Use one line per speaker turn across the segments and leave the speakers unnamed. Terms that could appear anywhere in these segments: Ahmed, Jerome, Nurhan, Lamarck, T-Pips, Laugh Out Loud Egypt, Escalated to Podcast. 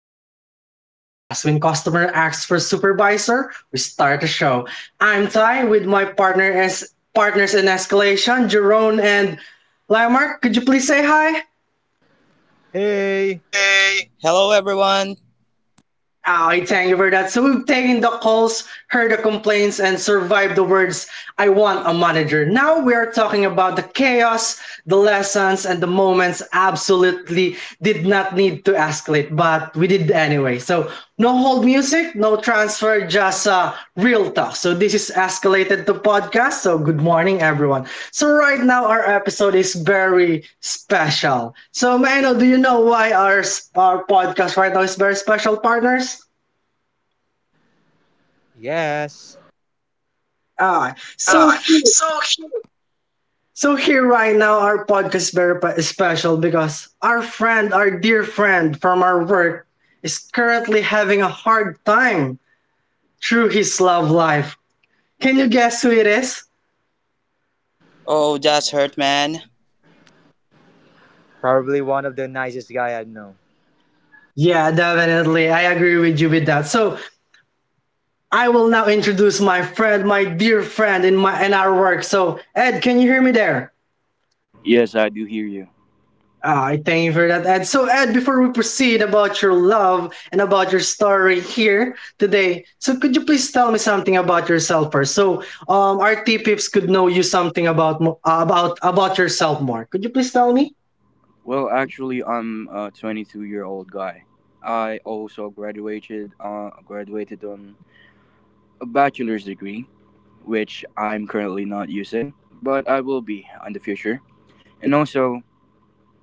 Escalated to Podcast. When customer asks for supervisor, we start the show. I'm Ty with my partner as partners in escalation, Jerome and Lamarck. Could you please say hi?
Hey!
Hey. Hello, everyone. Yeah.
Oh, I thank you for that. So we've taken the calls, heard the complaints, and survived the words, I want a manager. Now we are talking about the chaos, the lessons, and the moments absolutely did not need to escalate, but we did anyway. So no hold music, no transfer, just real talk. So this is escalated to podcast. So good morning, everyone. So right now our episode is very special. So Mano, do you know why our podcast right now is very special, partners?
Yes.
Ah, so
Ah,
here,
so cute.
so here right now our podcast is very special because our friend, our dear friend from our work, is currently having a hard time through his love life. Can you guess who it is?
Oh, that's hurt, man.
Probably one of the nicest guy I know.
Yeah, definitely. I agree with you with that. So I will now introduce my friend, my dear friend in our work. So Ed, can you hear me there?
Yes, I do hear you.
Ah, I thank you for that, Ed. So Ed, before we proceed about your love and about your story here today, so could you please tell me something about yourself first? So our T pips could know you something about mo- about yourself more. Could you please tell me?
Well, actually, I'm a 22-year-old guy. I also graduated on a bachelor's degree, which I'm currently not using, but I will be in the future. And also,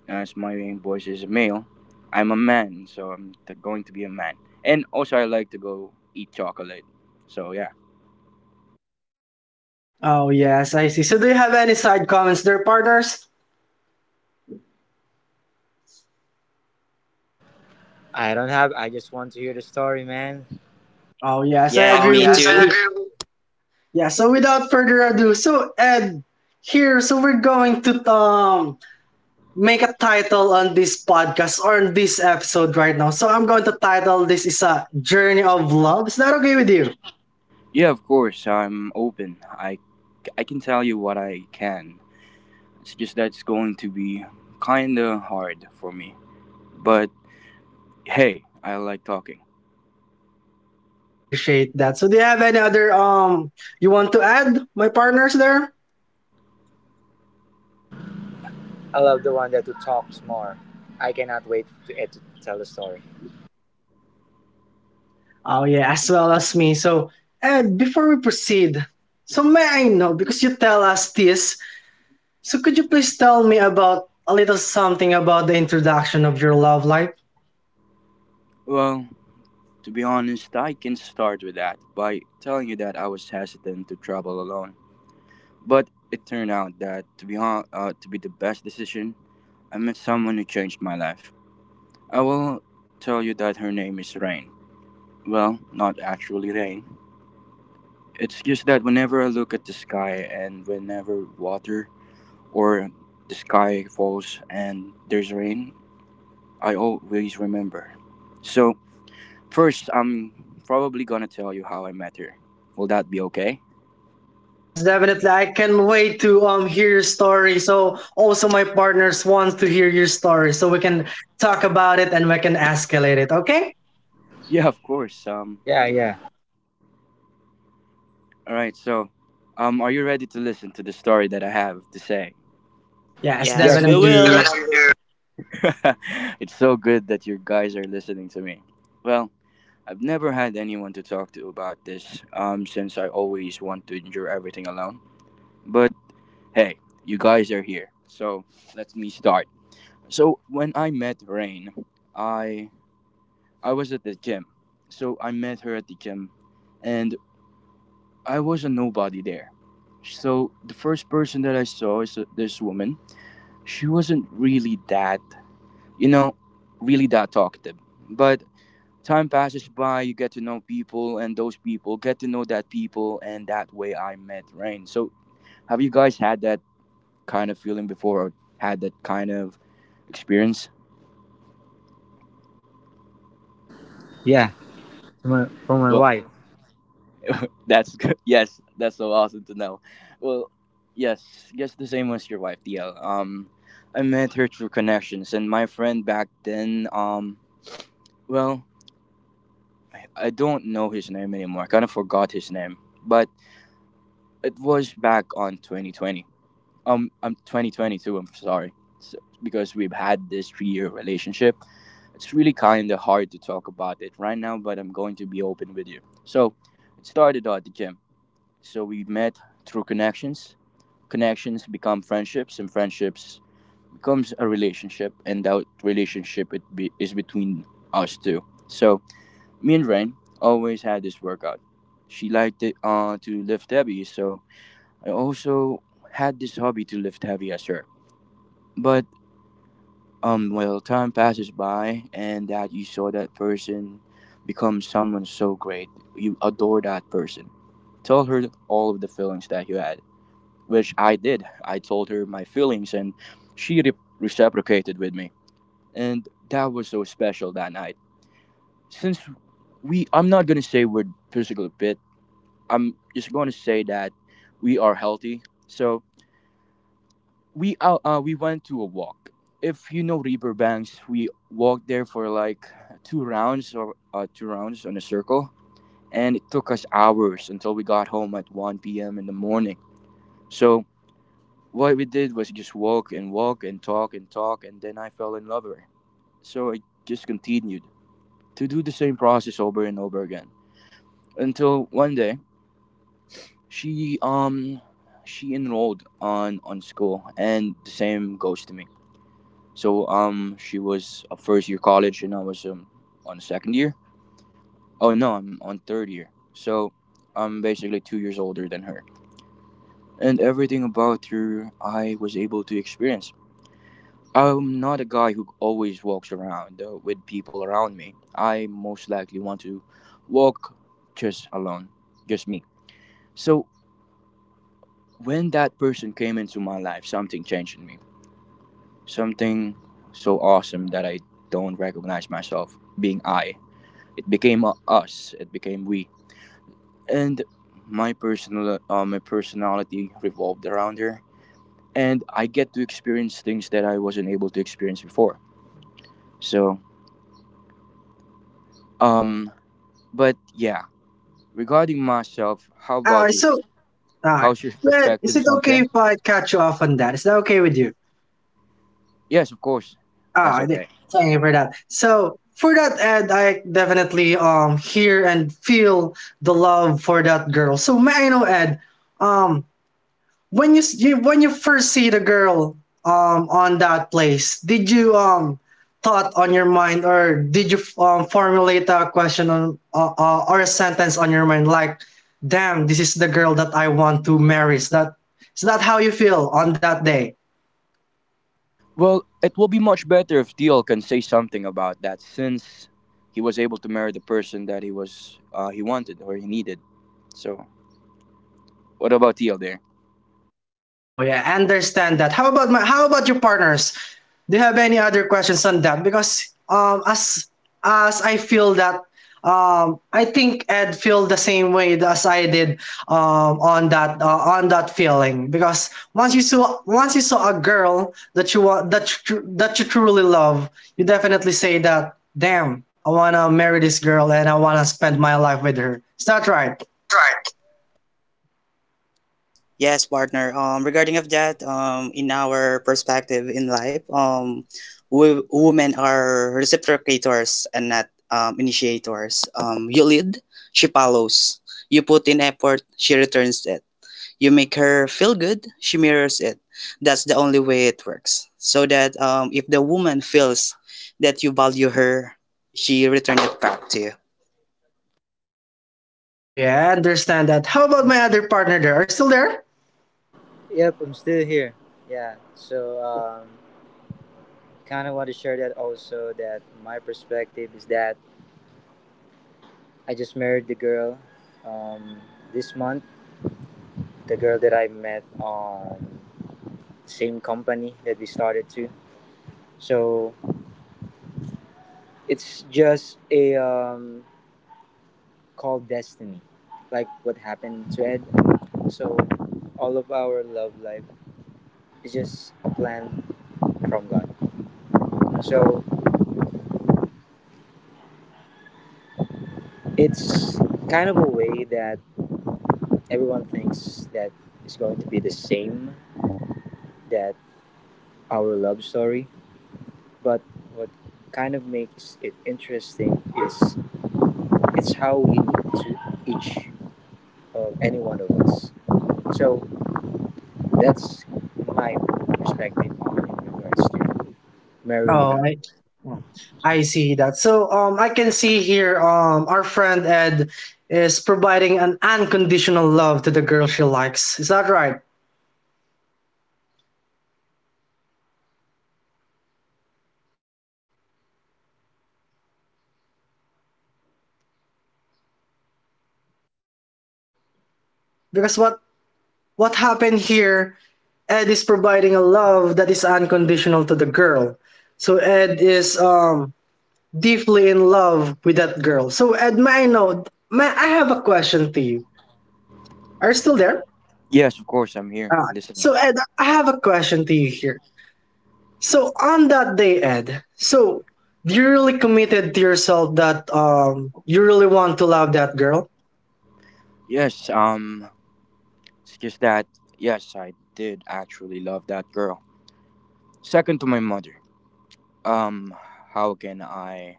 as my voice is a male, I'm a man, so I'm going to be a man. And also, I like to go eat chocolate. So yeah,
Oh yes, I see. So do you have any side comments there, partners?
I don't have I just want to hear the story, man.
Oh yes, I
Yeah, oh,
agree
me yes,
with
too. I
you.
agree with
Yeah, so without further ado, so Ed, here, so we're going to make a title on this podcast or on this episode right now. So I'm going to title this is a journey of love. Is that okay with you?
yeah, of course, I'm open. I can tell you what I can. It's just that it's going to be kinda hard for me. But hey, I like talking.
Yeah, I appreciate that. So do you have any other you want to add, my partners there?
I love the one that who talks more. I cannot wait to Ed to tell the story.
Oh yeah, as well as me. So Ed, before we proceed, so may I know because you tell us this, so could you please tell me about a little something about the introduction of your love life?
Well, to be honest, I can start with that by telling you that I was hesitant to travel alone. But it turned out that to be the best decision. I met someone who changed my life. I will tell you that her name is Rain. Well, not actually rain. It's just that whenever I look at the sky and whenever water or the sky falls and there's rain, I always remember. So, first, I'm probably gonna tell you how I met her. Will that be okay?
Yes, definitely. I can wait to hear your story. So also my partners wants to hear your story so we can talk about it and we can escalate it. Okay?
Yeah, of course. Um,
Yeah, yeah.
all right. So, are you ready to listen to the story that I have to say?
Yes,
yes,
Yes we
we
definitely.
will.
do.
You.
It's so good that you guys are listening to me. Well, I've never had anyone to talk to about this. Since I always want to endure everything alone. But hey, you guys are here, so let me start. So when I met Rain, I I was at the gym. So I met her at the gym, and I was a nobody there. So the first person that I saw is this woman. She wasn't really that, you know, really that talkative. But time passes by, you get to know people, and those people get to know that people, and that way I met Rain. So have you guys had that kind of feeling before, or had that kind of experience?
Yeah. From my
Well,
wife.
that's good. Yes, that's so awesome to know. Well, yes, just the same as your wife, DL. I met her through connections, and my friend back then, well, I don't know his name anymore. I kind of forgot his name, but it was back on 2020. I'm 2022. I'm sorry, so, because we've had this 3-year relationship. It's really kind of hard to talk about it right now, but I'm going to be open with you. So, it started out at the gym. So we met through connections. Connections become friendships, and friendships becomes a relationship, and that relationship is between us two. So me and Rain always had this workout. She liked it to lift heavy, so I also had this hobby to lift heavy as her. But well, time passes by, and that you saw that person become someone so great, you adore that person. Tell her all of the feelings that you had, which I did. I told her my feelings, and she reciprocated with me, and that was so special that night. Since I'm not gonna say we're physically fit. I'm just gonna say that we are healthy. So we went to a walk. If you know Riverbanks, we walked there for like two rounds in a circle, and it took us hours until we got home at 1 p.m. in the morning. So what we did was just walk and walk and talk and talk, and then I fell in love with her. So I just continued to do the same process over and over again until one day she um she enrolled on school, and the same goes to me. So she was a first year college, and I was on second year. Oh no, I'm on third year. So I'm basically 2 years older than her, and everything about her I was able to experience. I'm not a guy who always walks around with people around me. I most likely want to walk just alone, just me. So when that person came into my life, something changed in me. Something so awesome that I don't recognize myself being I. It became a us. It became we. And my personality revolved around her, and I get to experience things that I wasn't able to experience before. So, um, but yeah, regarding myself, how
All
about
right.
you?
So all right.
How's your
Yeah, is it
perspectives on
okay
things?
if I cut you off on that? Is that okay with you?
Yes, of course. That's
Ah,
okay.
thank you for that. So for that, Ed, I definitely hear and feel the love for that girl. So may I know, Ed, um, when you first see the girl on that place, did you thought on your mind or did you formulate a question on or a sentence on your mind like, damn, this is the girl that I want to marry. Is that how you feel on that day?
Well, it will be much better if Deal can say something about that, since he was able to marry the person that he wanted or he needed. So, what about Deal there?
Oh yeah, I understand that. How about your partners? Do you have any other questions on that? Because as I feel that I think Ed feel the same way as I did on that feeling because once you saw a girl that you truly love, you definitely say that, damn, I wanna marry this girl and I wanna spend my life with her. Is that right?
That's right. Yes, partner. Regarding of that, in our perspective in life, we, women are reciprocators and not initiators. You lead, she follows. You put in effort, she returns it. You make her feel good, she mirrors it. That's the only way it works. So that if the woman feels that you value her, she returns it back to you.
Oh yeah, I understand that. How about my other partner there? Are you still there?
Yep, I'm still here. Yeah. So kinda wanna share that also that my perspective is that I just married the girl um this month. The girl that I met on the same company that we started to. So it's just a called destiny, like what happened to Ed. So all of our love life is just a plan from God. So it's kind of a way that everyone thinks that it's going to be the same that our love story, but what kind of makes it interesting is it's how we meet to each of any one of us. So that's my perspective on in regards to marrying
Oh,
my wife.
I, oh, I see that. So, I can see here, our friend Ed is providing an unconditional love to the girl she likes. Is that right? Because what happened here? Ed is providing a love that is unconditional to the girl. So Ed is deeply in love with that girl. So Ed, may I know? May I have a question to you? Are you still there?
Yes, of course, I'm here
Ah,
listening.
so Ed, I have a question to you here. So on that day, Ed, so you really committed to yourself that you really want to love that girl?
Yes, it's just that yes, I did actually love that girl. Second to my mother. Um how can I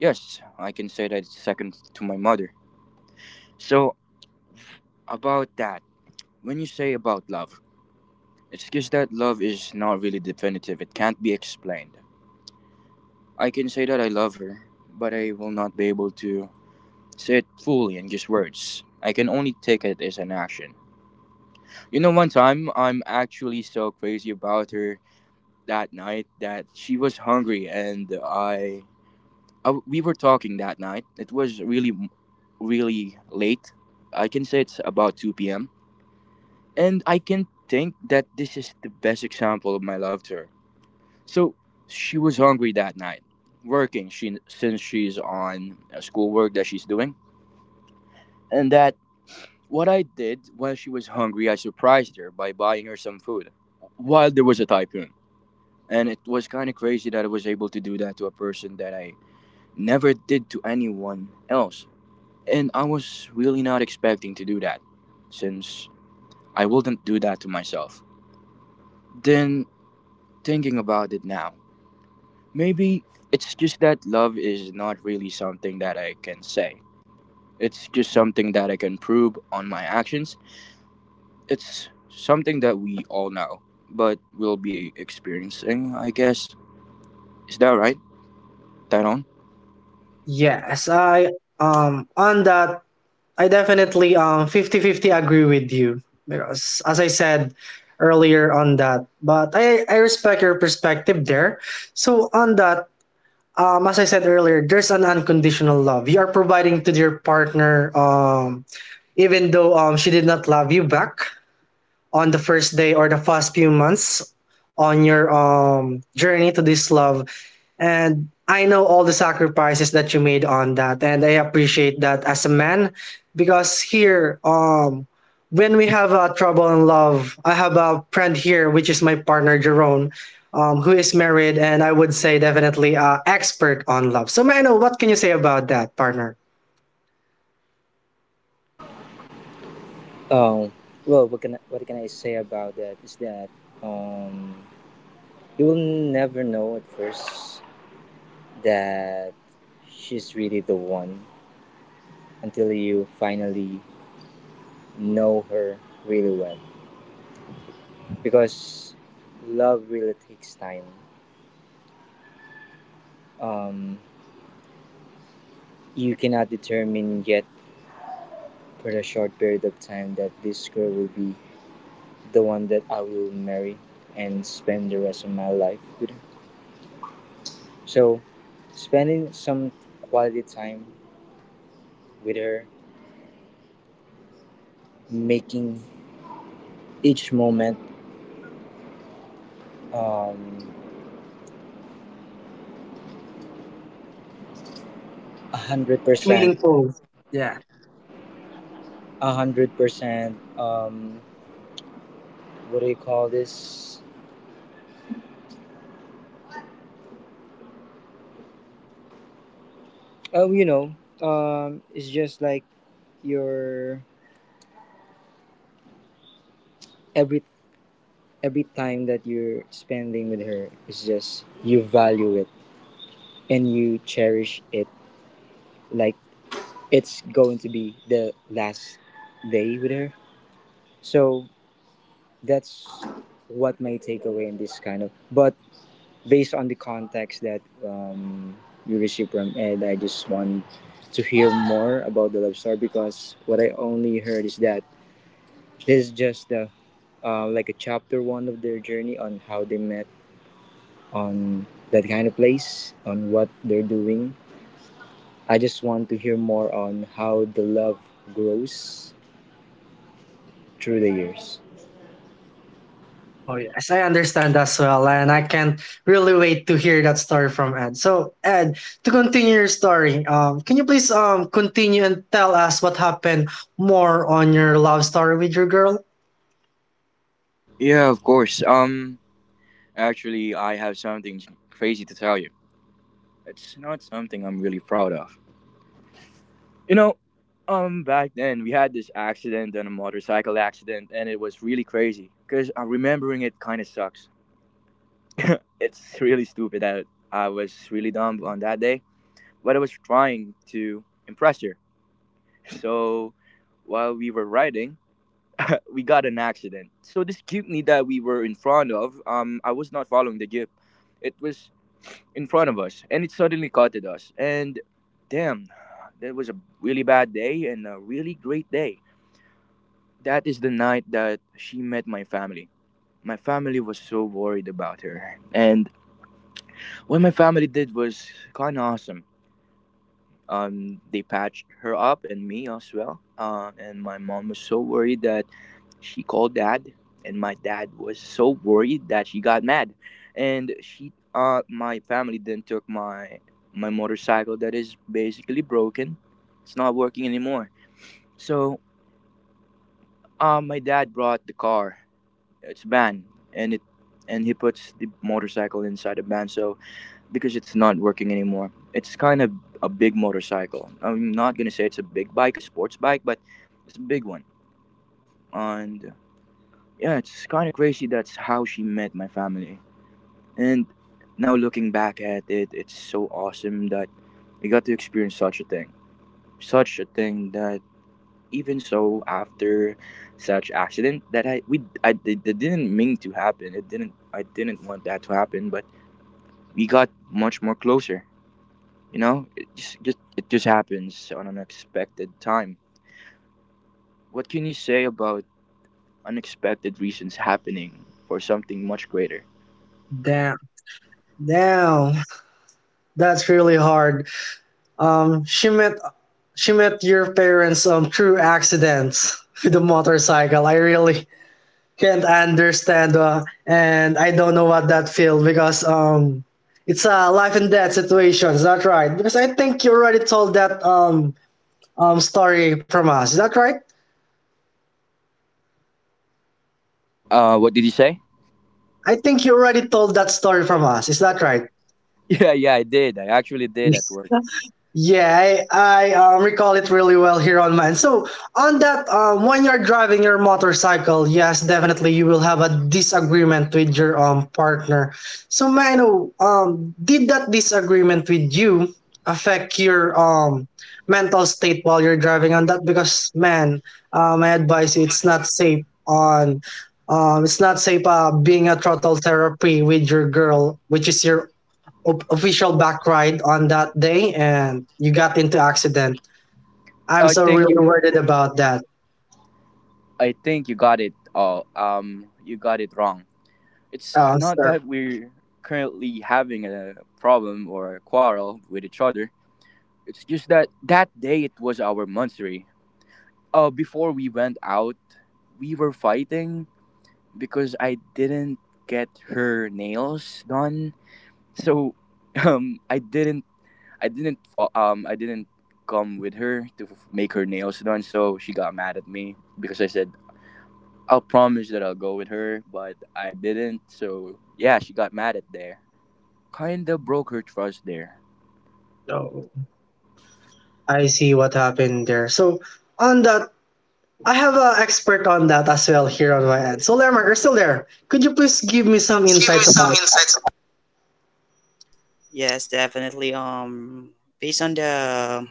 Yes, I can say that it's second to my mother. So about that, when you say about love, it's just that love is not really definitive. It can't be explained. I can say that I love her, but I will not be able to say it fully in just words. I can only take it as an action. One time I'm actually so crazy about her that night that she was hungry. And I we were talking that night. It was really really late. I can say it's about 2 p.m. And I can think that this is the best example of my love to her. So she was hungry that night, working she since she's on a schoolwork that she's doing. And that what I did while she was hungry, I surprised her by buying her some food while there was a typhoon. And it was kind of crazy that I was able to do that to a person that I never did to anyone else. And I was really not expecting to do that, since I wouldn't do that to myself. Then thinking about it now. Maybe it's just that love is not really something that I can say. It's just something that I can prove on my actions. It's something that we all know, but we'll be experiencing, I guess. Is that right, Taron?
Yes, I on that, I definitely 50-50 agree with you because as I said earlier on that, but I respect your perspective there. So on that, as I said earlier, there's an unconditional love. You are providing to your partner, even though she did not love you back on the first day or the first few months on your journey to this love, and I know all the sacrifices that you made on that and I appreciate that as a man. Because here when we have trouble in love, I have a friend here which is my partner Jerome, who is married, and I would say definitely expert on love. So Mano, what can you say about that, partner?
um well, what can I say about that is that um you will never know at first that she's really the one until you finally know her really well, because love really takes time. um you cannot determine yet for a short period of time that this girl will be the one that I will marry and spend the rest of my life with her. So, spending some quality time with her, making each moment um a
It's
hundred
much
percent,
meaningful. Yeah.
100%. What do you call this? Oh, you know, it's just like your every every time that you're spending with her. It's just you value it and you cherish it like it's going to be the last day with her. So that's what my takeaway in this kind of. But based on the context that you received from Ed, I just want to hear more about the love story, because what I only heard is that this is just the like a chapter one of their journey on how they met on that kind of place on what they're doing. I just want to hear more on how the love grows through the years.
Oh, yes, I understand as well. And I can't really wait to hear that story from Ed. So, Ed, to continue your story, can you please continue and tell us what happened more on your love story with your girl?
Yeah, of course. Actually, I have something crazy to tell you. It's not something I'm really proud of. You know, Back then, we had this accident, and a motorcycle accident, and it was really crazy. Cause remembering it kind of sucks. It's really stupid that I was really dumb on that day, but I was trying to impress her. So while we were riding, we got an accident. So this jeepney that we were in front of, I was not following the jeep. It was in front of us, and it suddenly caught at us. And damn, that was a really bad day and a really great day. That is the night that she met my family. My family was so worried about her, and what my family did was kind of awesome. They patched her up and me as well. And my mom was so worried that she called dad, and my dad was so worried that she got mad, and my family then took my motorcycle that is basically broken. It's not working anymore. So, my dad brought the car. It's van, and it and he puts the motorcycle inside the van. So because it's not working anymore. It's kind of a big motorcycle. I'm not gonna say it's a big bike, a sports bike, but it's a big one. And yeah, it's kind of crazy. That's how she met my family. And now looking back at it, it's so awesome that we got to experience such a thing that even so after such accident that I we I it didn't mean to happen. It didn't I didn't want that to happen, but we got much more closer. It just it just happens on unexpected time. What can you say about unexpected reasons happening for something much greater?
Damn, damn, that's really hard. Um, she met she met your parents, through accidents with a motorcycle. I really can't understand, and I don't know what that feels because it's a life and death situation. Is that right? Because I think you already told that story from us. Is that right?
What did you say?
I think you already told that story from us. Is that right?
Yeah, yeah, I did. I actually did at work.
Yeah, I recall it really well here on mine. So, on that, when you're driving your motorcycle, yes, definitely you will have a disagreement with your partner. So, may I know, did that disagreement with you affect your mental state while you're driving on that? Because, man, I advise you, it's not safe being a throttle therapy with your girl, which is your official back ride on that day and you got into accident. I'm
I
so
think
really
you.
worried about that.
I think you got it. You got it wrong. It's not
Sir.
that we're currently having a problem or a quarrel with each other. It's just that that day it was our monthsary. Before we went out, we were fighting because I didn't get her nails done. So um I didn't I didn't fall. I didn't come with her to make her nails done. So she got mad at me because I said I'll promise that I'll go with her, but I didn't. So yeah, she got mad at there. Kinda broke her trust there.
No. I see what happened there. So on that, I have an expert on that as well here on my end. So Lermark, you're still there. Could you please give me
Could you
some
please give me
insights
some
about that?
insights? Yes, definitely. Based on the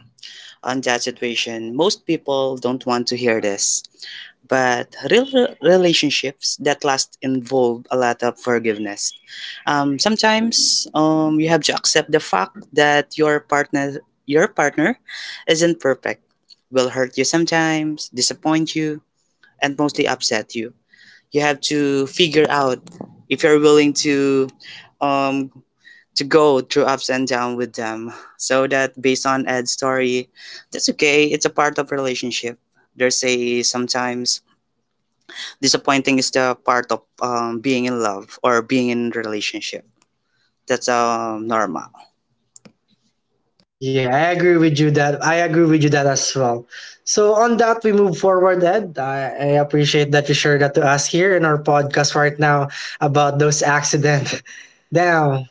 on that situation, most people don't want to hear this, but relationships that last involve a lot of forgiveness. Sometimes, you have to accept the fact that your partner isn't perfect, will hurt you sometimes, disappoint you, and mostly upset you. You have to figure out if you're willing um, to go through ups and downs with them. So that based on Ed's story, that's okay. It's a part of relationship. There's a sometimes disappointing is the part of being in love or being in relationship. That's normal.
Yeah, I agree with you that as well. So on that, we move forward, Ed. I appreciate that you shared that to us here in our podcast right now about those accident. Now,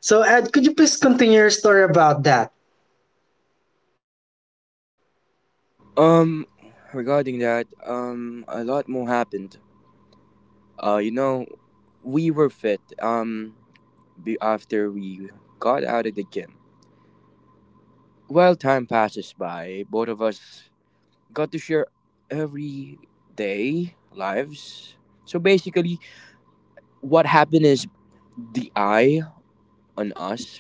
so Ed, could you please continue your story about that?
Um regarding that, a lot more happened. Uh you know, we were after we got out of the gym. While time passes by, both of us got to share everyday lives. So basically, what happened is the I on us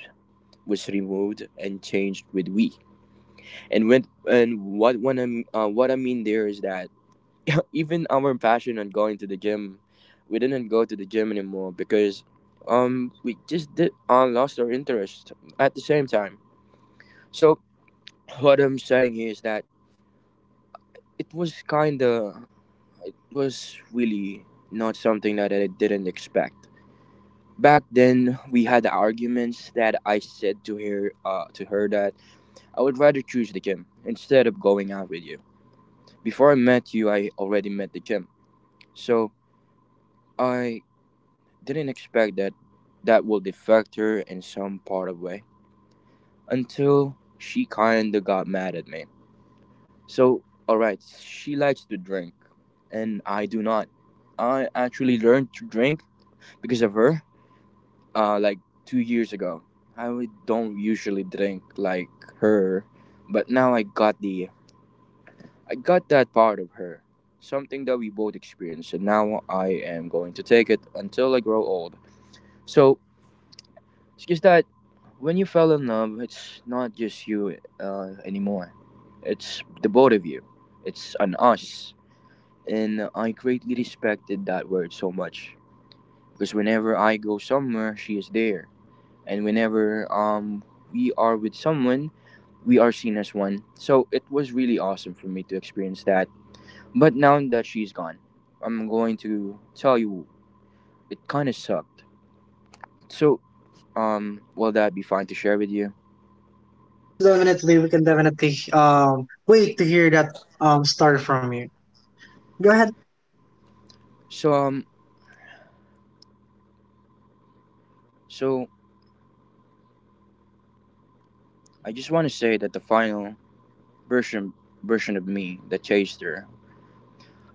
was removed and changed with we. And when and what what I mean there is that even our passion on going to the gym, we didn't go to the gym anymore because we just did lost our interest at the same time. So what I'm saying here is that it was kind of it was really not something that I didn't expect. Back then, we had arguments that I said to her that I would rather choose the gym instead of going out with you. Before I met you, I already met the gym, so I didn't expect that that would affect her in some part of way until she kinda got mad at me. So, all right, she likes to drink, and I do not. I actually learned to drink because of her, like 2 years ago. Don't usually drink like her, but now I got that part of her, something that we both experienced, and now I am going to take it until I grow old. So it's just that when you fell in love, it's not just you anymore. It's the both of you. It's an us, and I greatly respected that word so much because whenever I go somewhere, she is there, and whenever we are with someone, we are seen as one, so it was really awesome for me to experience that. But now that she's gone, I'm going to tell you, it kind of sucked. So will that be fine to share with you?
Yes, definitely. We can definitely wait to hear that story from you. Go ahead.
So um so I just want to say that the final version version of me that chased her.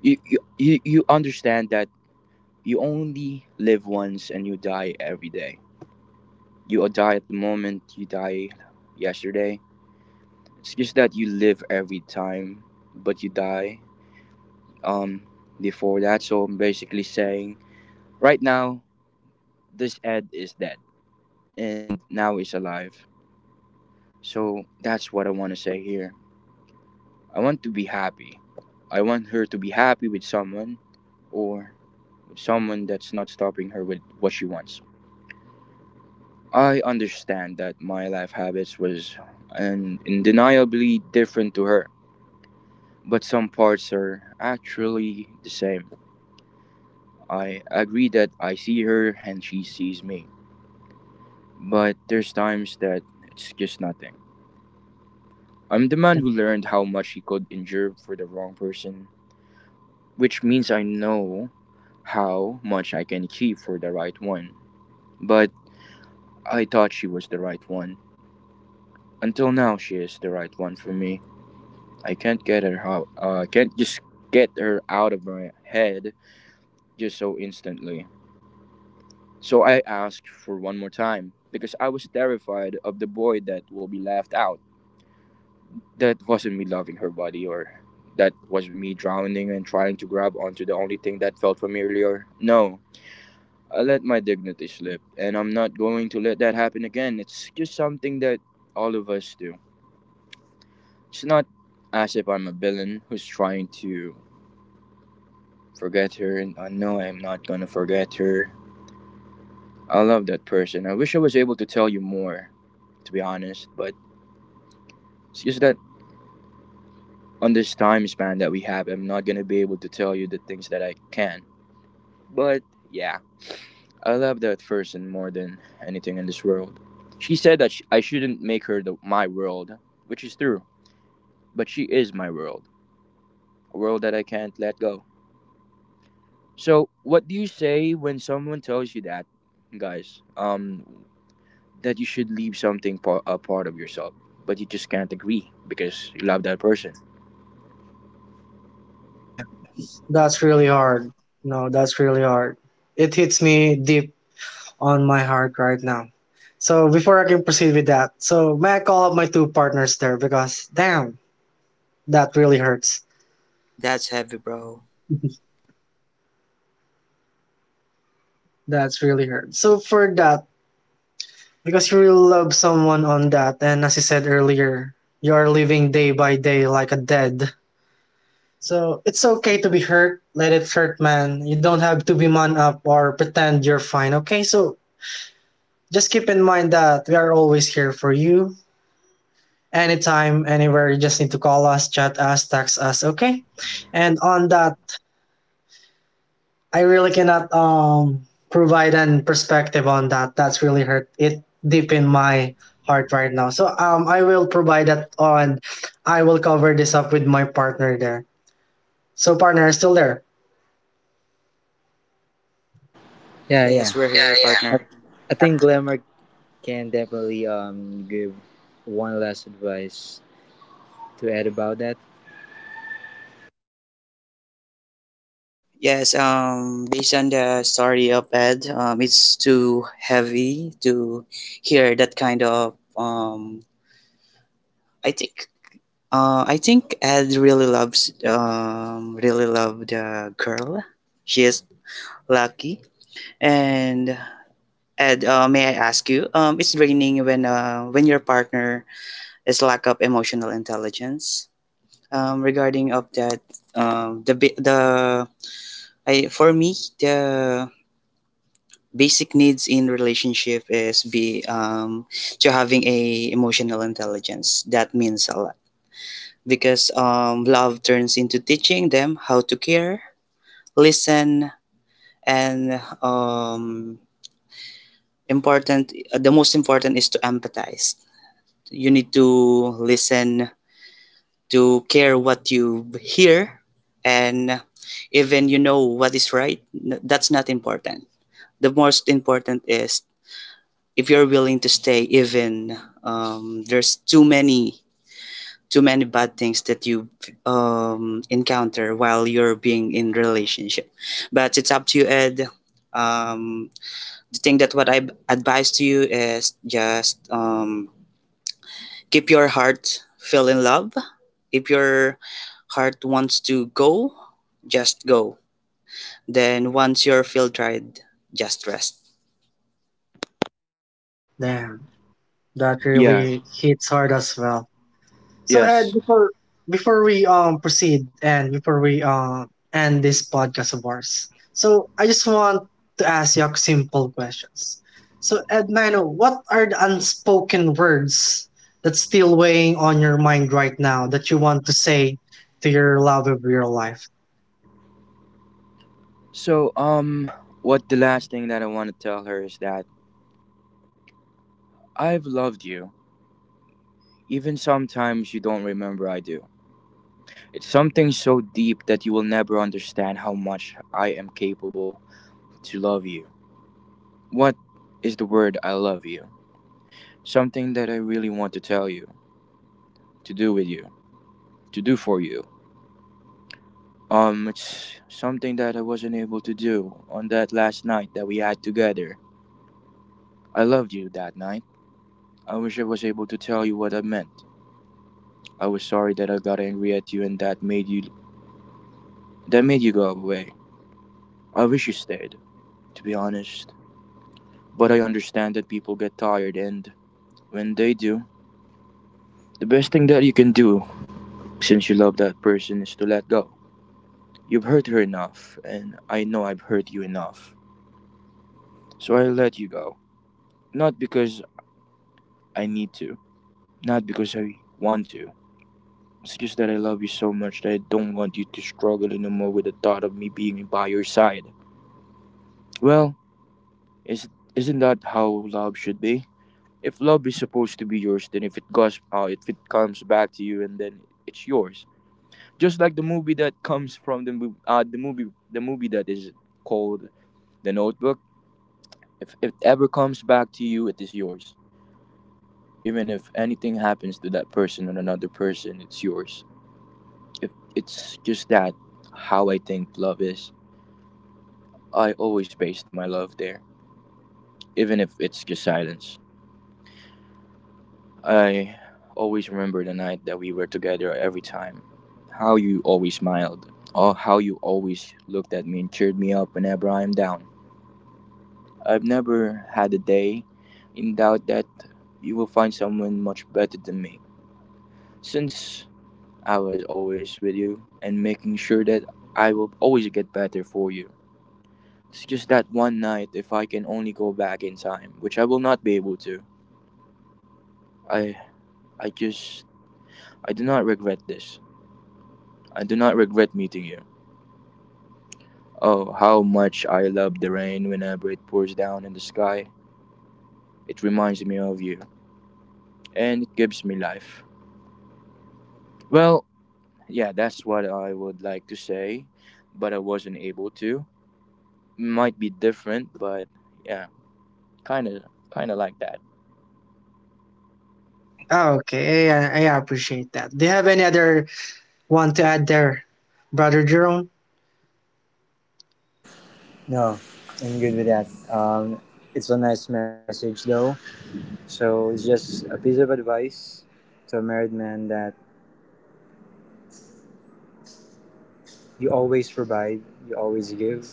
You understand that you only live once and you die every day. You die at the moment you die yesterday. It's just that you live every time, but you die um before that. So I'm basically saying right now this Ed is dead and now he's alive. So that's what I want to say here. I want to be happy. I want her to be happy with someone, or with someone that's not stopping her with what she wants. I understand that my life habits was and undeniably different to her, but some parts are actually the same. I agree that I see her and she sees me, but there's times that it's just nothing. I'm the man who learned how much he could endure for the wrong person, which means I know how much I can achieve for the right one. But I thought she was the right one. Until now, she is the right one for me. I can't get her out. Can't just get her out of my head just so instantly. So I asked for one more time because I was terrified of the boy that will be left out. That wasn't me loving her body, or that was me drowning and trying to grab onto the only thing that felt familiar. No, I let my dignity slip and I'm not going to let that happen again. It's just something that all of us do. It's not as if I'm a villain who's trying to forget her, and I know I'm not gonna forget her. I love that person. I wish I was able to tell you more, to be honest, but it's just that on this time span that we have, I'm not gonna be able to tell you the things that I can. But yeah, I love that person more than anything in this world. She said that sh I shouldn't make her my world, which is true. But she is my world, a world that I can't let go. So, what do you say when someone tells you that, guys? That you should leave something a part of yourself, but you just can't agree because you love that person?
Damn, that's really hard. No, that's really hard. It hits me deep on my heart right now. So before I can proceed with that, so may I call up my two partners there because damn, that really hurts.
That's heavy, bro.
That's really hurts. So for that, because you really love someone on that, and as you said earlier, you are living day by day like a dead. So it's okay to be hurt. Let it hurt, man. You don't have to be man up or pretend you're fine, okay? So just keep in mind that we are always here for you. Anytime, anywhere, you just need to call us, chat us, text us, okay? And on that, I really cannot provide an perspective on that. That's really hurt it deep in my heart right now. So I will provide that on I will cover this up with my partner there. So partner still there.
Yeah,
Yes,
yeah.
we're yeah, here, yeah, yeah,
I,
partner.
I think Glamour can definitely give one last advice to add about that.
Yes, based on the story of Ed, it's too heavy to hear that kind of I think I think Ed really loves really love the girl. She is lucky. And Ed, may I ask you? It's draining when your partner is lack of emotional intelligence. Regarding of that, the bi- the I for me the basic needs in relationship is be to having a emotional intelligence. That means a lot because love turns into teaching them how to care, listen, and important, the most important is to empathize. You need to listen, to care what you hear, and even you know what is right, that's not important. The most important is if you're willing to stay even there's too many bad things that you encounter while you're being in relationship, but it's up to you, Ed. um, the thing that what I advise to you is just keep your heart feel in love. If your heart wants to go, just go. Then once you're feel tired, just rest.
There. That
Yeah.
really hits hard as well. So Ed,
Yes.
before we proceed and before we end this podcast of ours, so I just want to ask you simple questions. So Ed Mano, what are the unspoken words that's still weighing on your mind right now that you want to say to your love of your life?
So, what the last thing that I want to tell her is that I've loved you, even sometimes you don't remember I do. It's something so deep that you will never understand how much I am capable to love you. What is the word I love you? Something that I really want to tell you, to do with you, to do for you. It's something that I wasn't able to do on that last night that we had together. I loved you that night. I wish I was able to tell you what I meant. I was sorry that I got angry at you and that made you go away. I wish you stayed, to be honest. But I understand that people get tired, and when they do, the best thing that you can do since you love that person is to let go. You've hurt her enough, and I know I've hurt you enough. So I let you go. Not because I need to, not because I want to. It's just that I love you so much that I don't want you to struggle anymore with the thought of me being by your side. Well, Is isn't that how love should be? If love is supposed to be yours, then if it comes back to you, and then it's yours. Just like the movie that comes from the mov- the movie that is called The Notebook. If it ever comes back to you, it is yours. Even if anything happens to that person or another person, it's yours. If it's just that how I think love is. I always based my love there, even if it's just silence. I always remember the night that we were together every time. How you always smiled, or how you always looked at me and cheered me up whenever I am down. I've never had a day in doubt that you will find someone much better than me. Since I was always with you and making sure that I will always get better for you. It's just that one night, if I can only go back in time, which I will not be able to. I I just I do not regret this. I do not regret meeting you. Oh, how much I love the rain whenever it pours down in the sky. It reminds me of you, and it gives me life. Well, yeah, that's what I would like to say, but I wasn't able to. Might be different, but yeah, kind of, kind of like that.
Oh, okay, I appreciate that. Do you have any other one to add there, brother Jerome?
No, I'm good with that. It's a nice message though. So it's just a piece of advice to a married man that you always provide, you always give,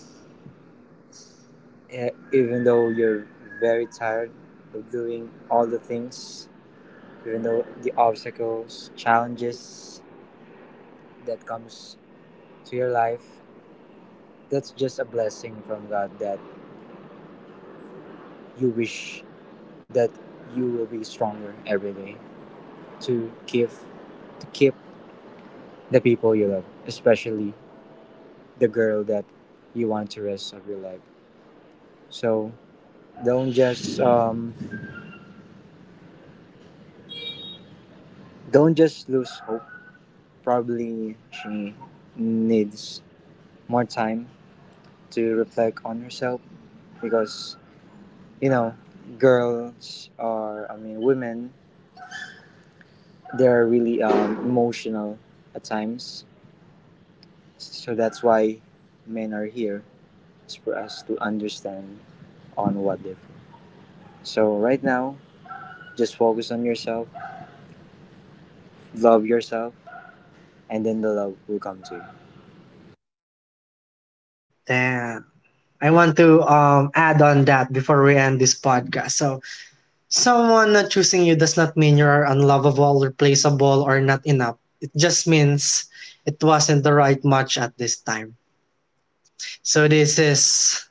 even though you're very tired of doing all the things, even though the obstacles, challenges that comes to your life, that's just a blessing from God, that you wish that you will be stronger every day to keep to keep the people you love, especially the girl that you want to rest of your life. So don't just um, don't just lose hope. Probably she needs more time to reflect on herself, because you know girls are, I mean, women, they are really emotional at times. So that's why men are here, is for us to understand on what if. So right now, just focus on yourself, love yourself, and then the love will come to you.
Damn. I want to add on that before we end this podcast. So, someone not choosing you does not mean you're unlovable, replaceable, or not enough. It just means it wasn't the right match at this time. So this is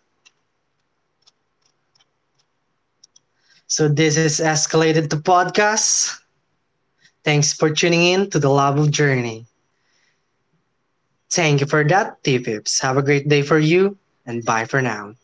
so this is escalated to podcast. Thanks for tuning in to the Love of Journey. Thank you for that, T-Pips. Have a great day for you, and bye for now.